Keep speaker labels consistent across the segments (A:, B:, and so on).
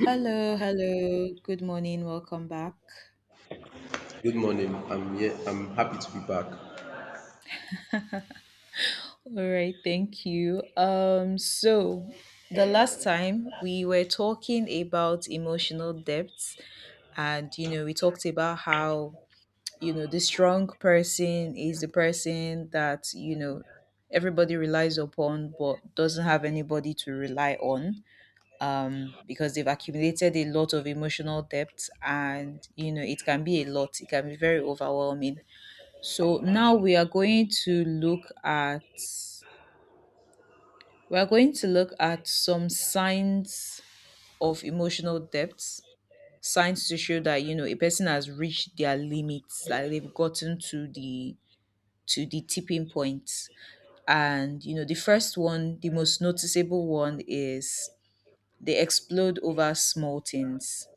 A: Hello, hello. Good morning. Welcome back.
B: Good morning. I'm here. I'm happy to be back.
A: All right, thank you. So the last time we were talking about emotional depth, and you know, we talked about how you know the strong person is the person that you know everybody relies upon but doesn't have anybody to rely on, because they've accumulated a lot of emotional depth, and you know it can be a lot, it can be very overwhelming. So now we are going to look at, we are going to look at some signs of emotional depth, signs to show that you know a person has reached their limits, like they've gotten to the, to the tipping point. And you know the first one, the most noticeable one is they explode over small things.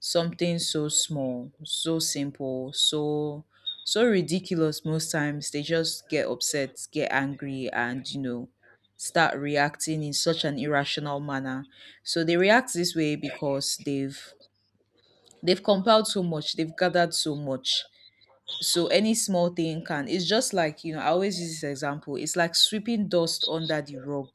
A: Something so small, so simple, so so ridiculous most times they just get upset, get angry, and you know start reacting in such an irrational manner. So they react this way because they've compiled so much, they've gathered so much. So any small thing can, it's just like, you know, I always use this example. It's like sweeping dust under the rug.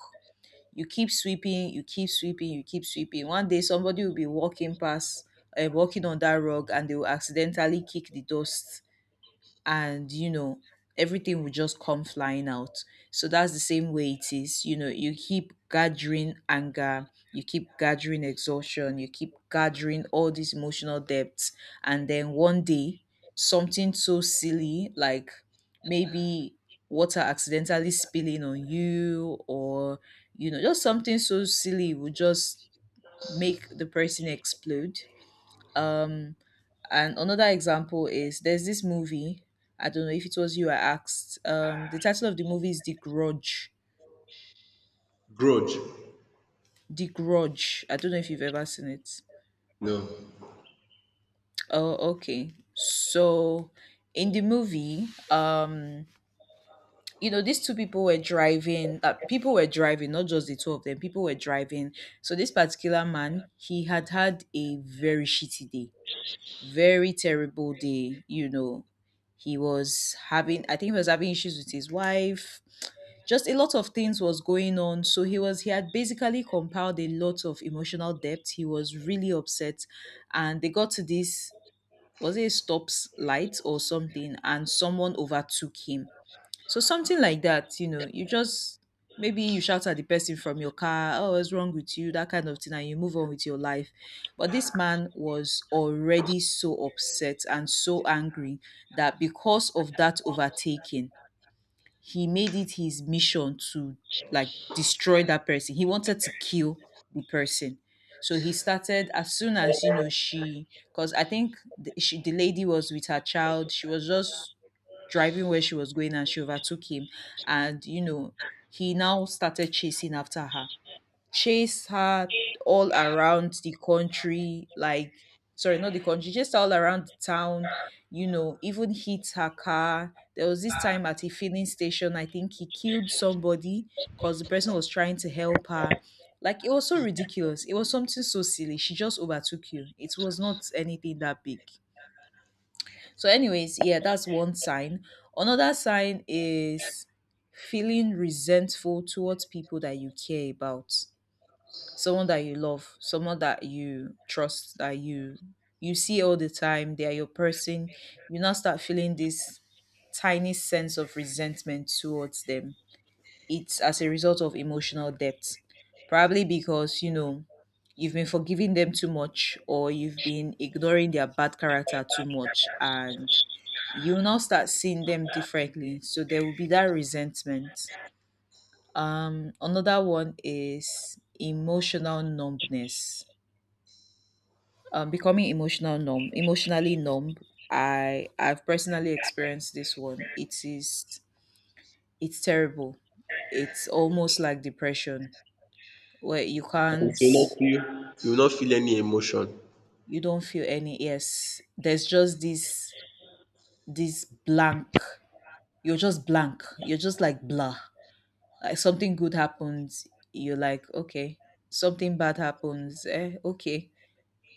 A: You keep sweeping, you keep sweeping, you keep sweeping. One day somebody will be walking past, walking on that rug, and they will accidentally kick the dust, and you know everything will just come flying out. So that's the same way it is. You know, you keep gathering anger, you keep gathering exhaustion, you keep gathering all these emotional depths, and then one day something so silly like maybe water accidentally spilling on you, or you know just something so silly will just make the person explode. um, and another example is there's this movie. I don't know if it was you I asked. The title of the movie is The Grudge.
B: Grudge?
A: The Grudge. I don't know if you've ever seen it.
B: No.
A: Oh, okay. So in the movie, you know, these two people were driving. People were driving, not just the two of them. People were driving. So this particular man, he had had a very shitty day, very terrible day, you know. He was having, I think he was having issues with his wife. Just a lot of things was going on. So he was, he had basically compiled a lot of emotional debt. He was really upset, and they got to this, was it a stops light or something, and someone overtook him. So something like that, you know, you just maybe you shout at the person from your car, oh, what's wrong with you? That kind of thing, and you move on with your life. But this man was already so upset and so angry that because of that overtaking, he made it his mission to like destroy that person. He wanted to kill the person. So he started, as soon as you know she, because I think the, she, the lady was with her child. She was just driving where she was going and she overtook him. And, you know, he now started chasing after her, chased her all around the country, like, sorry, not the country, just all around the town, you know, even hit her car. There was this time at a filling station, I think he killed somebody because the person was trying to help her. Like, it was so ridiculous. It was something so silly. She just overtook you. It was not anything that big. So, anyways, yeah, that's one sign. Another sign is feeling resentful towards people that you care about, someone that you love, someone that you trust, that you see all the time. They are your person. You now start feeling this tiny sense of resentment towards them. It's as a result of emotional depth, probably because you know you've been forgiving them too much, or you've been ignoring their bad character too much, and you will now start seeing them differently. So there will be that resentment. Another one is emotional numbness. Becoming emotional numb, emotionally numb. I've personally experienced this one. It is, it's terrible. It's almost like depression where you can't,
B: You will not feel any emotion.
A: you don't feel any, yes. There's just this, this blank. You're just blank. You're just like blah. Like something good happens, you're like, okay. Something bad happens, eh? Okay.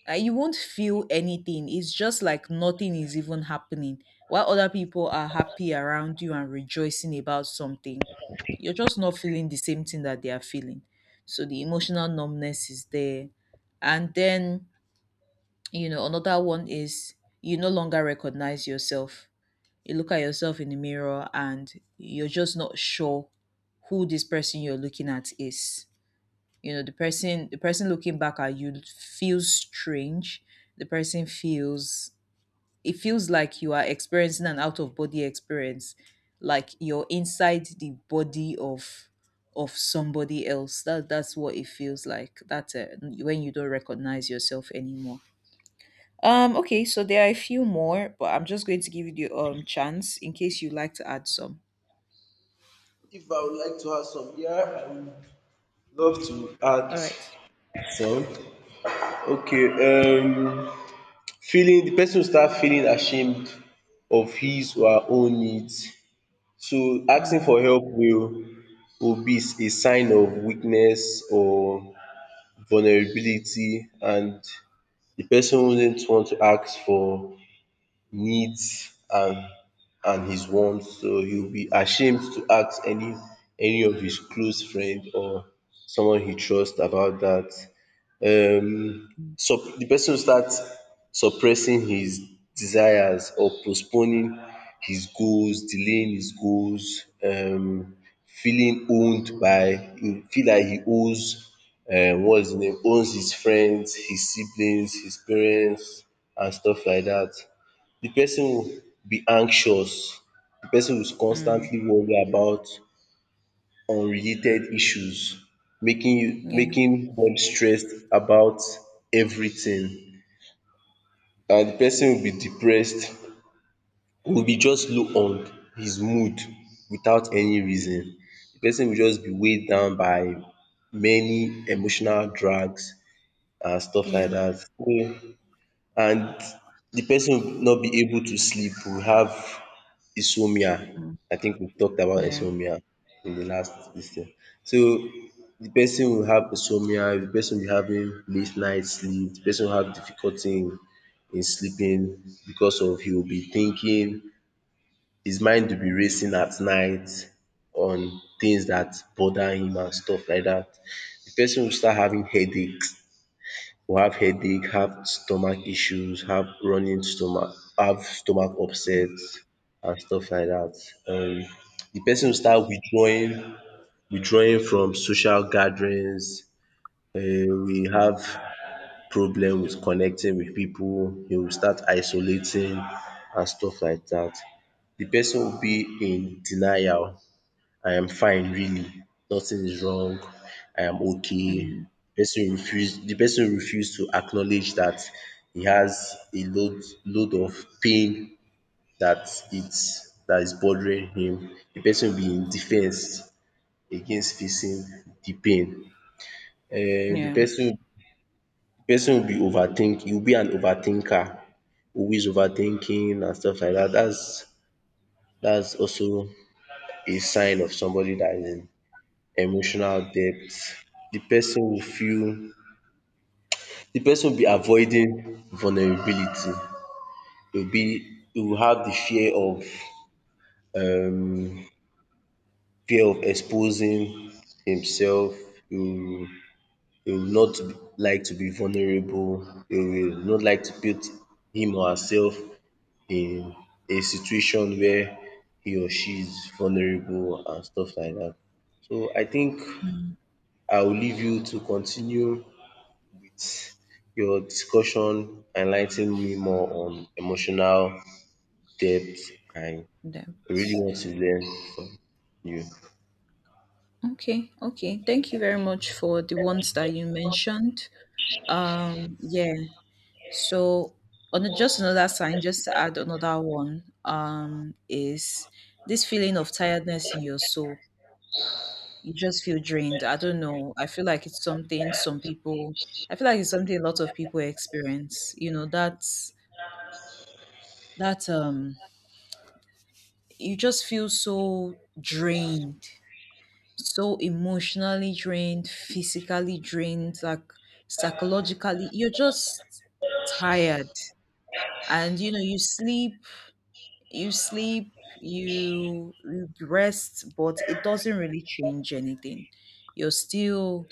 A: You won't feel anything. It's just like nothing is even happening. While other people are happy around you and rejoicing about something, you're just not feeling the same thing that they are feeling. So the emotional numbness is there. And then, you know, another one is you no longer recognize yourself. You look at yourself in the mirror and you're just not sure who this person you're looking at is. You know the person, the person looking back at you feels strange, the person feels, it feels like you are experiencing an out of body experience, like you're inside the body of somebody else. That, that's what it feels like. That's a, when you don't recognize yourself anymore. Um, okay, so there are a few more, but I'm just going to give you the chance in case you'd like to add some.
B: If I would like to add some, yeah, I would love to add
A: All right.
B: some. Okay. Feeling the person will start feeling ashamed of his or her own needs. So asking
A: Mm,
B: for help will be a sign of weakness or vulnerability, and the person wouldn't want to ask for needs and his wants, so he will be ashamed to ask any of his close friend or someone he trusts about that. um
A: mm,
B: The person will start suppressing his desires or postponing his goals, delaying his goals, feeling owned by, he feel like he owes what's his name, owns his friends, his siblings, his parents and stuff like that. The person will be anxious, the person will
A: mm.
B: constantly worry about unrelated issues, making you
A: Yeah,
B: making them stressed about everything. And the person will be depressed, will be just low on his mood without any reason. The person will just be weighed down by many emotional drags and stuff like
A: yeah,
B: that. So, and the person will not be able to sleep, will have insomnia.
A: mm,
B: I think we've talked about
A: yeah,
B: insomnia in the last dis thing. So the person will have insomnia, the person will be having late night sleep, the person will have difficulty in sleeping because of he will be thinking, his mind will be racing at night on things that bother him and stuff like that. The person will start having headaches, who have headache, have stomach issues, have running stomach, have stomach
A: yeah,
B: upset and stuff like that. um Di person
A: yeah,
B: will start withdrawing, withdrawing from social gatherings, will have problem with connecting with people. He will start isolating and stuff like that. The person will be in denial. I am fine really, nothing is wrong, I am okay.
A: mm,
B: Person refuse, de person refuse to acknowledge dat he has a load of pain dat is bothering him. De person will be in defence against facing de pain. um de
A: yeah.
B: person the person will be overthink, he will be an overthinker, always overthinking and stuff like dat. Dats also a sign of somebody dat is emotional depth. The person will feel, the person will be avoiding vulnerability. He will have the um fear of exposing himself. He will, he will not like to be vulnerable. He will not like to put him or herself in a situation where he or she is vulnerable and stuff like that. So I think I will leave you to continue. Your discussion enlightened me more on emotional depth, and I really
A: That's
B: want to learn from you.
A: okay. Okay. Thank you very much for the ones that you mentioned. Yeah. So on a, just another sign, just to add another one, is this feeling of tiredness in your soul. You just feel drained. I don't know. I feel like it's something some people, I feel like it's something a lot of people experience. You know, that's that you just feel so drained, so emotionally drained, physically drained, like psychologically, you're just tired. And you know, you sleep, you sleep, you rest, but it doesn't really change anything. You're still,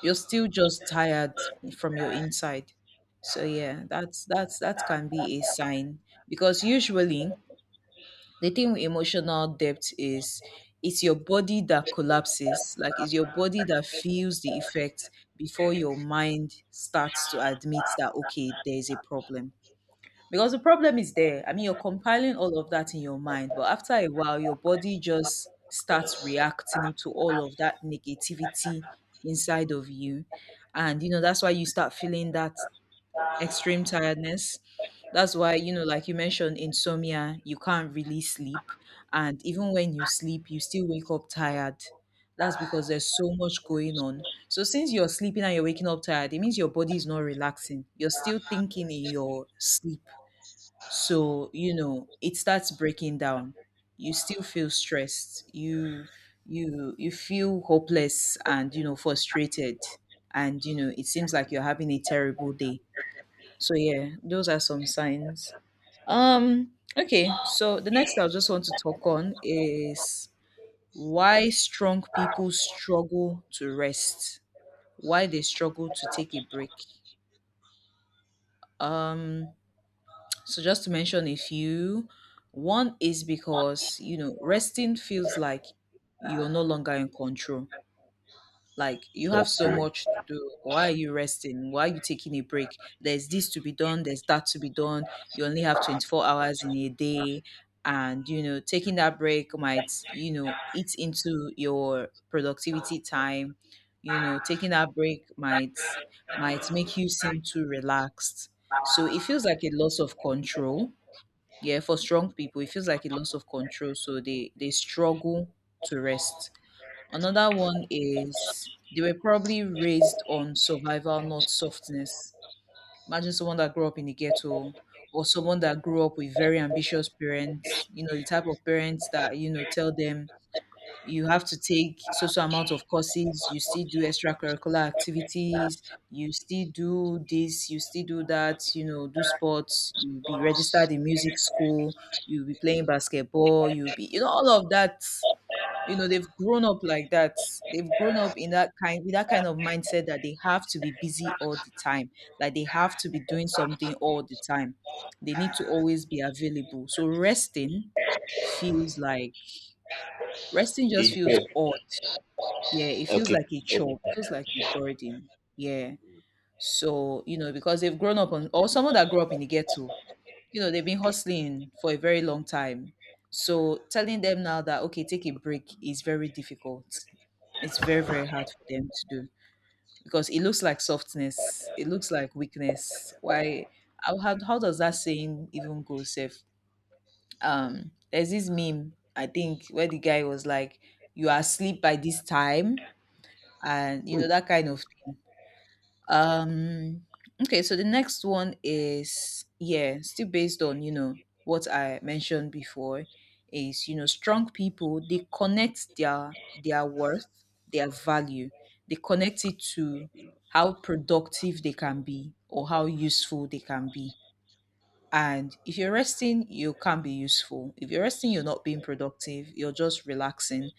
A: you're still just tired from your inside. So yeah, that's, that can be a sign. Because usually the thing with emotional depth is it's your body that collapses, like it's your body that feels the effect before your mind starts to admit that okay, there's a problem. Because the problem is there. I mean, you're compiling all of that in your mind, but after a while, your body just starts reacting to all of that negativity inside of you. And, you know, that's why you start feeling that extreme tiredness. That's why, you know, like you mentioned, insomnia, you can't really sleep. And even when you sleep, you still wake up tired. That's because there's so much going on. So since you're sleeping and you're waking up tired, it means your body is not relaxing. You're still thinking in your sleep. So, you know, it starts breaking down. You still feel stressed. You you feel hopeless, and you know frustrated, and you know it seems like you're having a terrible day. So yeah, those are some signs. Um, okay, so the next I just want to talk on is why strong people struggle to rest. Why they struggle to take a break. Um, so just to mention a few, one is because, you know, resting feels like you're no longer in control. Like you have so
B: Thank
A: much to do. Why are you resting? Why are you taking a break? There's this to be done, there's that to be done. You only have 24 hours in a day. And, you know, taking that break might, you know, eat into your productivity time. You know, taking that break might make you seem too relaxed. So it feels like a loss of control. Yeah, for strong people it feels like a loss of control, so they struggle to rest. Another one is they were probably raised on survival, not softness. Imagine someone that grew up in the ghetto, or someone that grew up with very ambitious parents, you know, the type of parents that you know tell them you have to take so so amount of courses, you still do extracurricular activities, you still do this, you still do that, you know, do sports, you be registered in music school, you'll be playing basketball, you'll be, you know, all of that. You know, they've grown up like that. They've grown up in that kind, with that kind of mindset that they have to be busy all the time, like they have to be doing something all the time. They need to always be available. So resting feels like, resting just
B: you.
A: feels odd. Yeah, it feels
B: Okay.
A: like a chore. It feels like a burden. Yeah. So, you know, because they've grown up on, or someone that grew up in the ghetto, you know, they've been hustling for a very long time. So telling them now that, okay, take a break is very difficult. It's very, very hard for them to do because it looks like softness. It looks like weakness. Why? How does that saying even go, safe? There's this meme, I think, where the guy was like, you are asleep by this time and you know, that kind of thing. um okay, so the next one is, yeah, still based on, you know, what I mentioned before, is, you know, strong people, they connect their worth, their value, they connect it to how productive they can be or how useful they can be. And if you're resting, you can be useful. If you're resting, you're not being productive, you're just relaxing.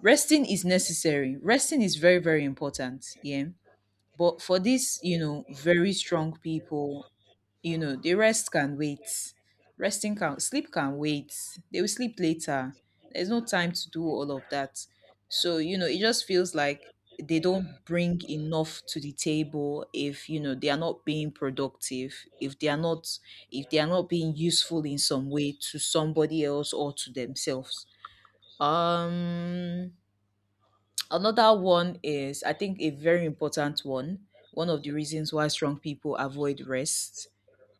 A: Resting is necessary. Resting is very, very important, yeah. But for these, you know, very strong people, you know, the rest can wait. Resting can, sleep can wait. They will sleep later. There's no time to do all of that. So, you know, it just feels like they don't bring enough to the table if, you know, they are not being productive, if they are not, if they are not being useful in some way to somebody else or to themselves. um Another one is, I think, a very important one. One of the reasons why strong people avoid rest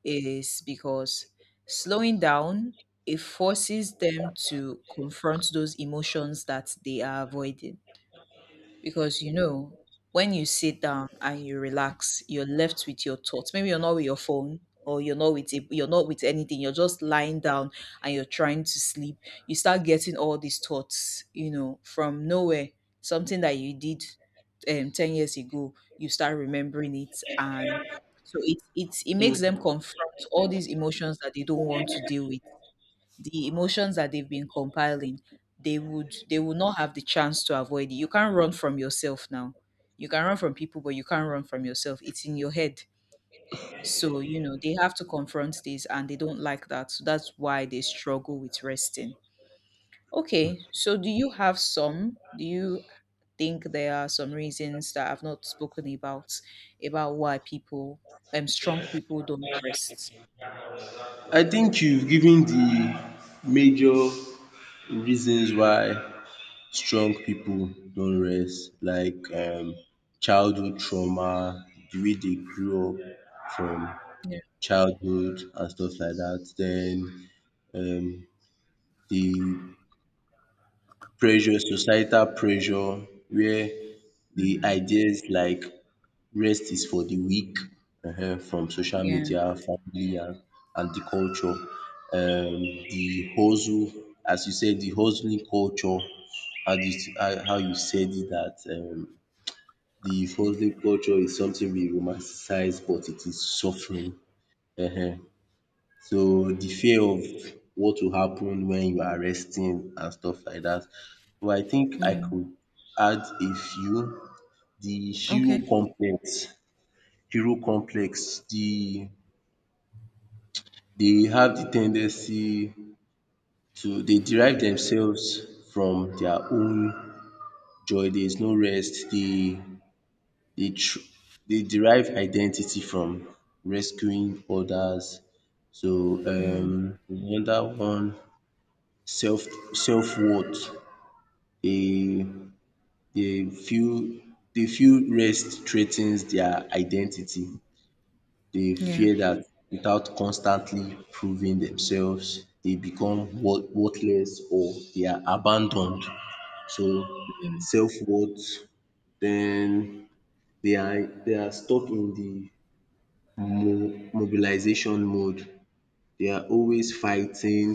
A: is because slowing down, it forces them to confront those emotions that they are avoiding. Because, you know, when you sit down and you relax, you're left with your thoughts. Maybe you're not with your phone, or you're not with anything, you're just lying down and you're trying to sleep. You start getting all these thoughts, you know, from nowhere. Something that you did 10 years ago, you start remembering it. And so it makes them confront all these emotions that they don't want to deal with, the emotions that they've been compiling. They would not have the chance to avoid it. You can't run from yourself now. You can run from people, but you can't run from yourself. It's in your head. So, you know, they have to confront this, and they don't like that. So that's why they struggle with resting. Okay, so do you have some? Do you think there are some reasons that I've not spoken about why people, strong people, don't rest?
B: I think you've given the major reasons why strong people don't rest, like childhood trauma, the way they grew up from
A: Yeah.
B: childhood and stuff like that. Then um, the pressure societal pressure where the
A: Mm,
B: ideas like rest is for the weak, from social
A: yeah.
B: media, family, and the culture. Um, the hustle, as you said, the hustling culture, and it, how you said it that the hustling culture is something we romanticize but it is suffering, um so the fear of what will happen when you are resting and stuff like that. So I think I
A: Yeah.
B: could add a few. The hero
A: Okay.
B: complex, hero complex. The they have the tendency to they derive themselves from their own joy. There is no rest. Dey they derive identity from rescuing others. So
A: Mm,
B: another one, self self worth. They they feel they feel rest threatens their identity. They
A: yeah.
B: fear that without constantly proving themselves, they become worthless or they are abandoned. So self-worth. Then they are, they are stuck in the mo mobilization mode. They are always fighting,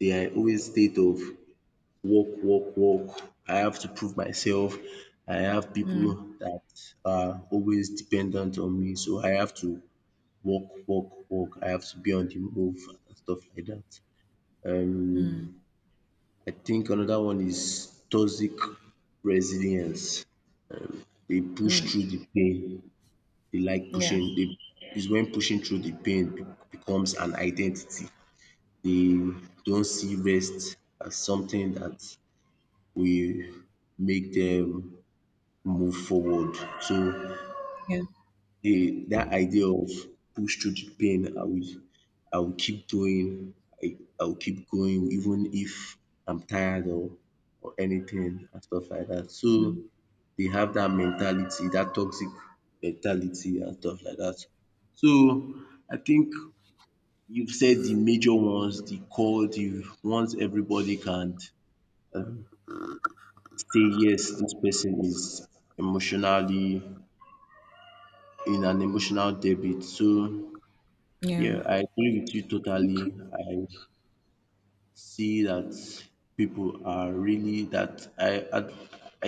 B: they are always state of work, work, work. I have to prove myself. I have
A: Mm,
B: people that are always dependent on me, so I have to work, work, work. I have to be on the move and stuff like that.
A: mm,
B: Um, I think another one is toxic resilience. They push
A: mm.
B: through the pain. They like
A: Yeah,
B: pushing. They is when pushing through the pain becomes an identity. They don't see rest as something that will make them move forward. So
A: yeah,
B: the that idea of push through the pain, I will keep doing, I will keep going even if I'm tired or anything and stuff like that. So
A: mm,
B: they have that mentality, that toxic mentality and stuff like that. So I think you've said the major ones, the core, the ones everybody can um say yes, this person is emotionally in an emotional debit. So
A: yeah.
B: yeah, I agree with you totally.
A: Okay.
B: I see that people are really that I I,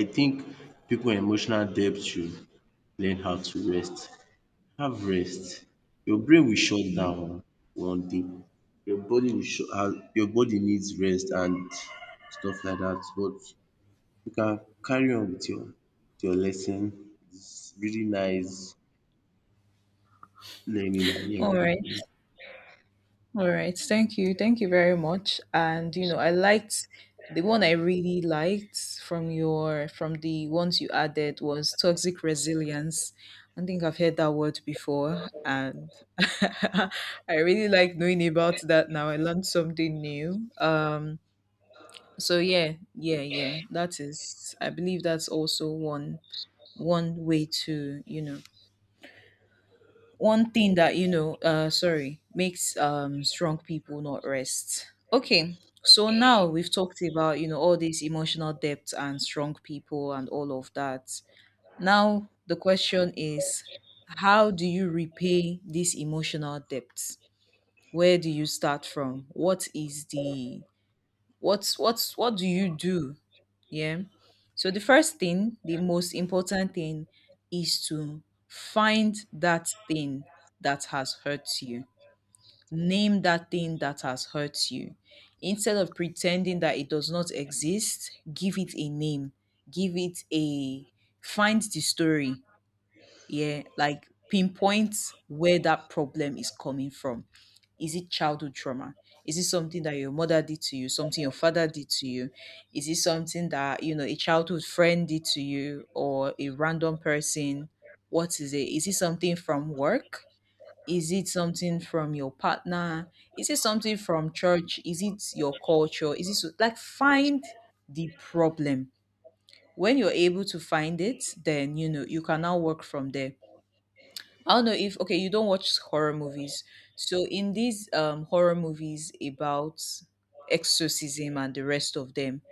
B: I think people in emotional debt should learn how to rest. Have rest. Your brain will shut
A: Yeah.
B: down one day. Your body will shut your body needs rest and stuff like that. But you can carry on with your lesson. It's really nice learning and
A: All
B: learning from.
A: right. All right. Thank you. Thank you very much. And you know, I liked the one, I really liked, from your from the ones you added, was toxic resilience. I think I've heard that word before, and I really like knowing about that now. I learned something new. So yeah, yeah, yeah. That is, I believe that's also one, one way to, you know, one thing that, you know, sorry, makes strong people not rest. Okay, so now we've talked about, you know, all these emotional depth and strong people and all of that. Now the question is, how do you repay this emotional depth? Where do you start from? What is the, what's, what do you do? Yeah. So the first thing, the most important thing, is to find that thing that has hurt you. Name that thing that has hurt you. Instead of pretending that it does not exist, give it a name. Give it a, find the story, yeah, like pinpoint where that problem is coming from. Is it childhood trauma? Is it something that your mother did to you, something your father did to you? Is it something that, you know, a childhood friend did to you, or a random person? What is it? Is it something from work? Is it something from your partner? Is it something from church? Is it your culture? Is it, so, like, find the problem. When you're able to find it, then you know you can now work from there. I don't know if, okay, you don't watch horror movies. So in these horror movies about exorcism and the rest of them,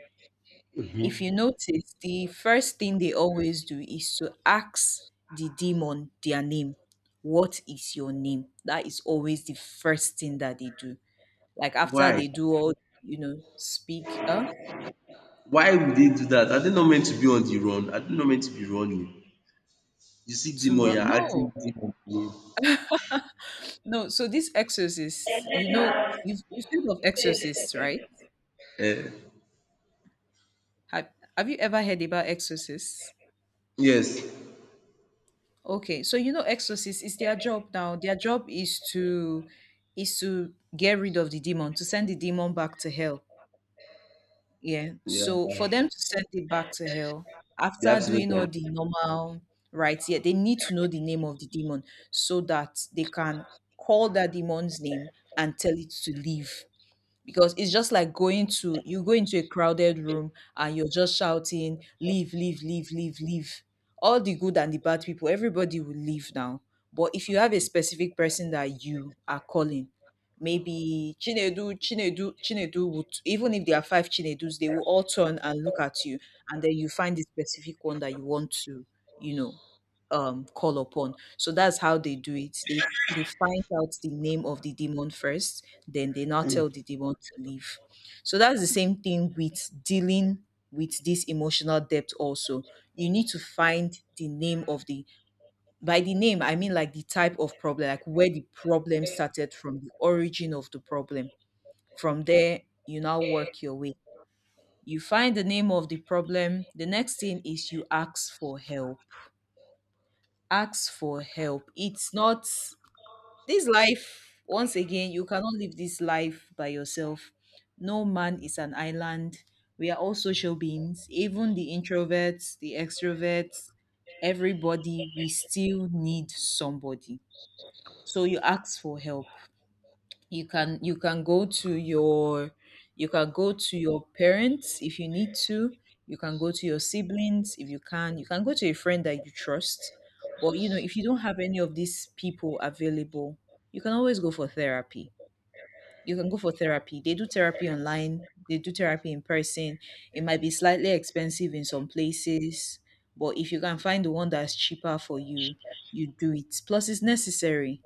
A: if you
B: Mhm.
A: notice, the first thing they always do is to ask the demon their name. What is your name? That is always the first thing that they do. Like after
B: Why?
A: they do all, you know, speak
B: Why would they do that? Are they not meant to be on the run? Are they not meant to be running? You see demon, you're acting
A: no,
B: demon.
A: no. So these exorcists, you know, you've heard of exorcists, right? Have Have you ever heard about exorcists?
B: Yes.
A: Okay, so you know exorcists, it's their job now. Their job is to, is to get rid of the demon, to send the demon back to hell. Yeah. So for them
B: Yeah.
A: to send it back to hell,
B: They
A: after
B: have to know
A: doing all
B: their
A: the normal rites, yeah, they need to know the name of the demon so that they can call that demon's name and tell it to leave. Because it's just like going to, you go into a crowded room and you're just shouting, leave, leave, leave, leave, leave, all the good and the bad people, everybody will leave now. But if you have a specific person that you are calling, maybe Chinedu, Chinedu, Chinedu, would, even if there are five Chinedus, they will all turn and look at you. And then you find the specific one that you want to, you know, call upon. So that's how they do it. They find out the name of the demon first, then they now tell the demon to leave. So that's the same thing with dealing with this emotional depth also. You need to find the name of the, by the name I mean like the type of problem, like where the problem started from, the origin of the problem. From there, you now work your way. You find the name of the problem. The next thing is you ask for help, ask for help. It's not, this life, once again, you cannot live this life by yourself. No man is an island. We are all social beings, even the introverts, the extroverts, everybody, we still need somebody. So you ask for help. You can go to your, you can go to your parents if you need to, you can go to your siblings if you can, you can go to a friend that you trust. But you know, if you don't have any of these people available, you can always go for therapy. You can go for therapy. They do therapy online, they do therapy in person. It might be slightly expensive in some places, but if you can find the one that's cheaper for you, you do it. Plus, it's necessary,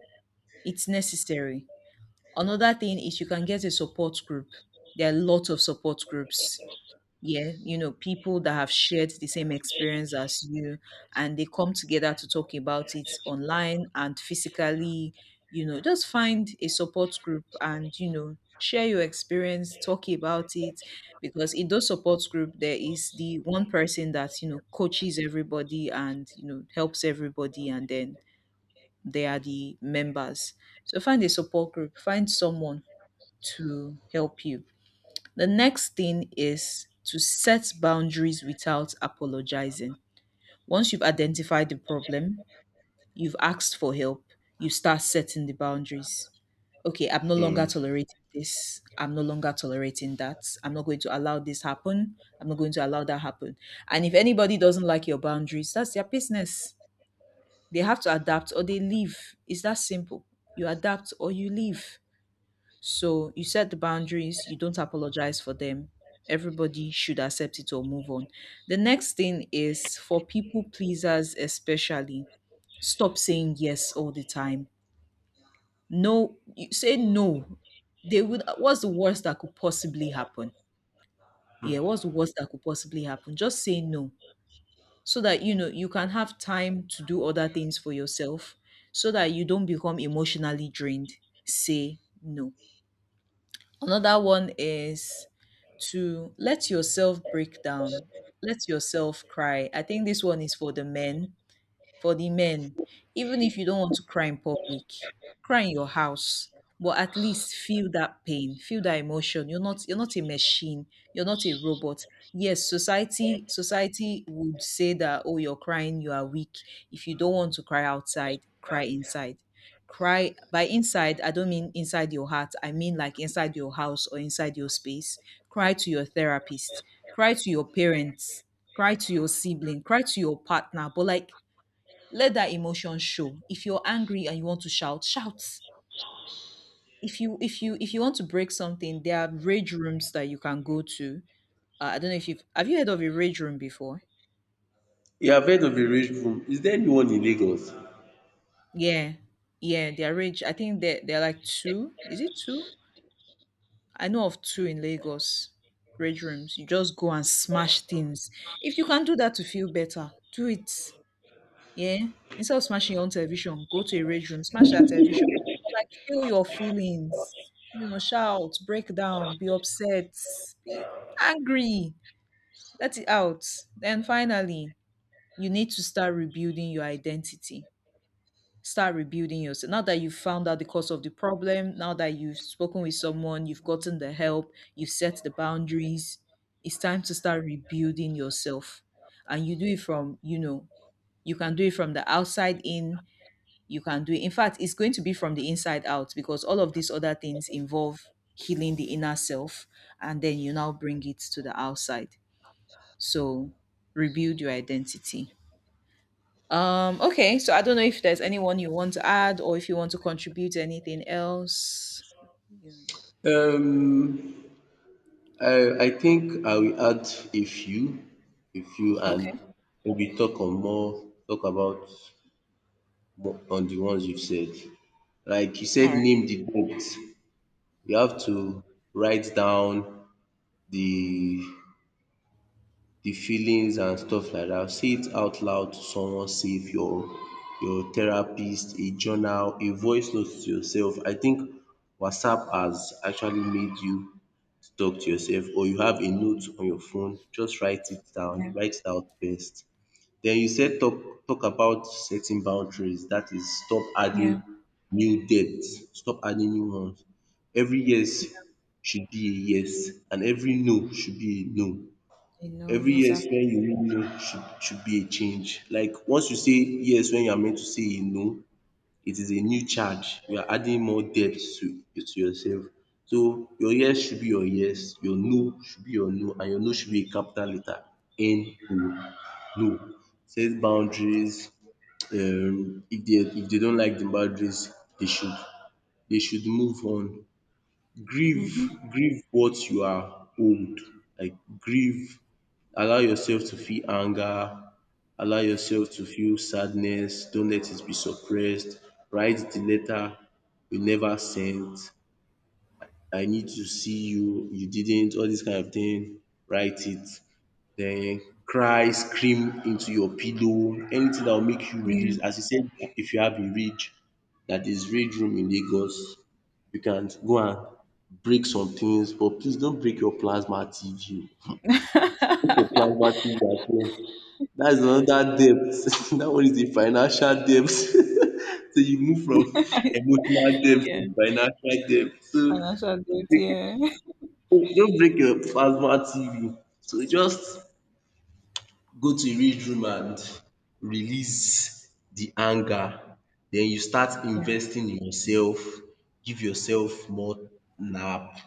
A: it's necessary. Another thing is, you can get a support group. There are lots of support groups. Yeah, you know, people that have shared the same experience as you, and they come together to talk about it online and physically. You know, just find a support group and, you know, share your experience, talk about it. Because in those support group, there is the one person that, you know, coaches everybody and, you know, helps everybody, and then they are the members. So find a support group, find someone to help you. The next thing is to set boundaries without apologizing. Once you've identified the problem, you've asked for help, you start setting the boundaries. Okay, I'm no longer
B: Hmm.
A: tolerating this. I'm no longer tolerating that. I'm not going to allow this happen. I'm not going to allow that happen. And if anybody doesn't like your boundaries, that's their business. They have to adapt or they leave. It's that simple. You adapt or you leave. So you set the boundaries, you don't apologize for them. Everybody should accept it or move on. The next thing is, for people pleasers especially, stop saying yes all the time. No, you say no. They would, what's the worst that could possibly happen? Yeah, what's the worst that could possibly happen? Just say no, so that you know you can have time to do other things for yourself, so that you don't become emotionally drained. Say no. Another one is to let yourself break down, let yourself cry. I think this one is for the men. For the men, even if you don't want to cry in public, cry in your house. But at least feel that pain, feel that emotion. You're not a machine. You're not a robot. Yes, society would say that, oh, you're crying, you are weak. If you don't want to cry outside, cry inside. Cry, by inside, I don't mean inside your heart. I mean like inside your house or inside your space. Cry to your therapist. Cry to your parents, cry to your sibling, cry to your partner, but like, let that emotion show. If you're angry and you want to shout, shout. If you want to break something, there are rage rooms that you can go to. I don't know if you've, have you heard of a rage room before?
B: You have heard of a rage room. Is there anyone in Lagos?
A: Yeah, yeah, they're rage, I think they're like two, is it two? I know of two in Lagos. Rage rooms, you just go and smash things. If you can do that to feel better, do it. Yeah. Instead of smashing your own television, go to a rage room, smash that television. But like, feel your feelings. You know, shout, break down, be upset, be angry. Let it out. Then finally, you need to start rebuilding your identity. Start rebuilding yourself. Now that you've found out the cause of the problem, now that you've spoken with someone, you've gotten the help, you've set the boundaries, it's time to start rebuilding yourself. And you do it from, you know, you can do it from the outside in, you can do it, in fact, it's going to be from the inside out, because all of these other things involve healing the inner self, and then you now bring it to the outside. So rebuild your identity. Okay, so I don't know if there's anyone you want to add or if you want to contribute anything else. Yeah.
B: Um, I think I will add a few, a few, and
A: Okay,
B: maybe talk on more, talk about more on the ones you've said. Like you said,
A: all right.
B: name the debt. You have to write down the the feelings and stuff like that. Say it out loud to someone. Say if your your therapist, a journal, a voice note to yourself. I think WhatsApp has actually made you to talk to yourself, or you have a note on your phone, just write it down,
A: Yeah.
B: write it out first. Then you said talk about setting boundaries. That is stop
A: Yeah.
B: adding new debts, stop adding new ones. Every yes should be a yes and every no should be a no.
A: You know,
B: Every yes
A: exactly.
B: wey you mean no should be a change. Like once you say yes when you are meant to say a no, it is a new charge. You are adding more depth to yourself. So your yes should be your yes, your no should be your no, and your no should be in capital letter N O, no. Set boundaries. Um, if dey don't like the boundaries, they should they should move on. Grieve
A: Hmm.
B: grieve what you are owed. Like grieve, allow yourself to feel anger, allow yourself to feel sadness, don't let it be suppressed, write the letter you never sent, I need to see you, you didn't, all dis kind of thing, write it. Then cry, scream into your pillow, anything that will make you release.
A: Yeah.
B: As you said, if you have a rage, that is rage room in Lagos, you can go and break some things, but please don't break your plasma TV. Break your plasma TV as well. That is another debt. That one is a financial debt. So you move from emotional debt
A: Yeah,
B: to financial debt. So
A: financial
B: don't
A: debt,
B: break
A: yeah.
B: don't break your plasma TV. So just go to rich room and release the anger. Then you start
A: Yeah.
B: investing in yourself, give yourself more nap,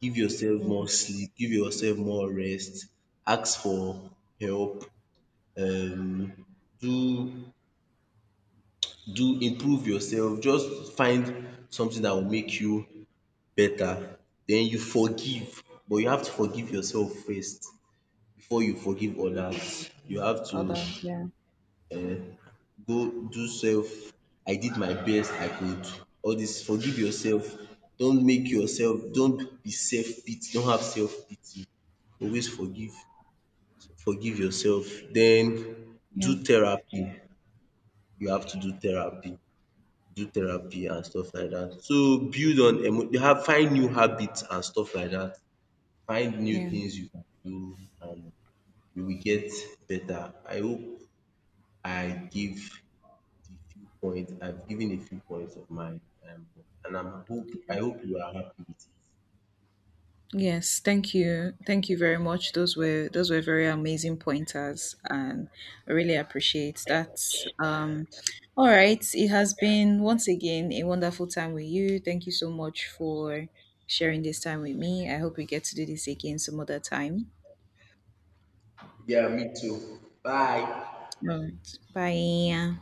B: give yourself more
A: Mm.
B: sleep, give yourself more rest, ask for help, um do do improve yourself, just find something that will make you better. Then you forgive, but you have to forgive yourself first before you forgive others. You have to
A: Others, yeah.
B: go do self, I did my best I could. All this forgive yourself, don't make yourself, don't be self pity, don't have self pity. Always forgive, forgive yourself. Then do
A: Yeah.
B: therapy, you have to do therapy and stuff like that. So build on emo, you have find new habits and stuff like that. Find new
A: Yeah.
B: things you can do and you will get better. I hope I give the few points I've given, a few points of mine, um, and I hope you are happy with it.
A: Yes, thank you. Thank you very much. Those were very amazing pointers, and I really appreciate that. Um all right, it has been once again a wonderful time with you. Thank you so much for sharing this time with me. I hope we get to do this again some other time.
B: Yeah, me too. Bye.
A: All right. Bye.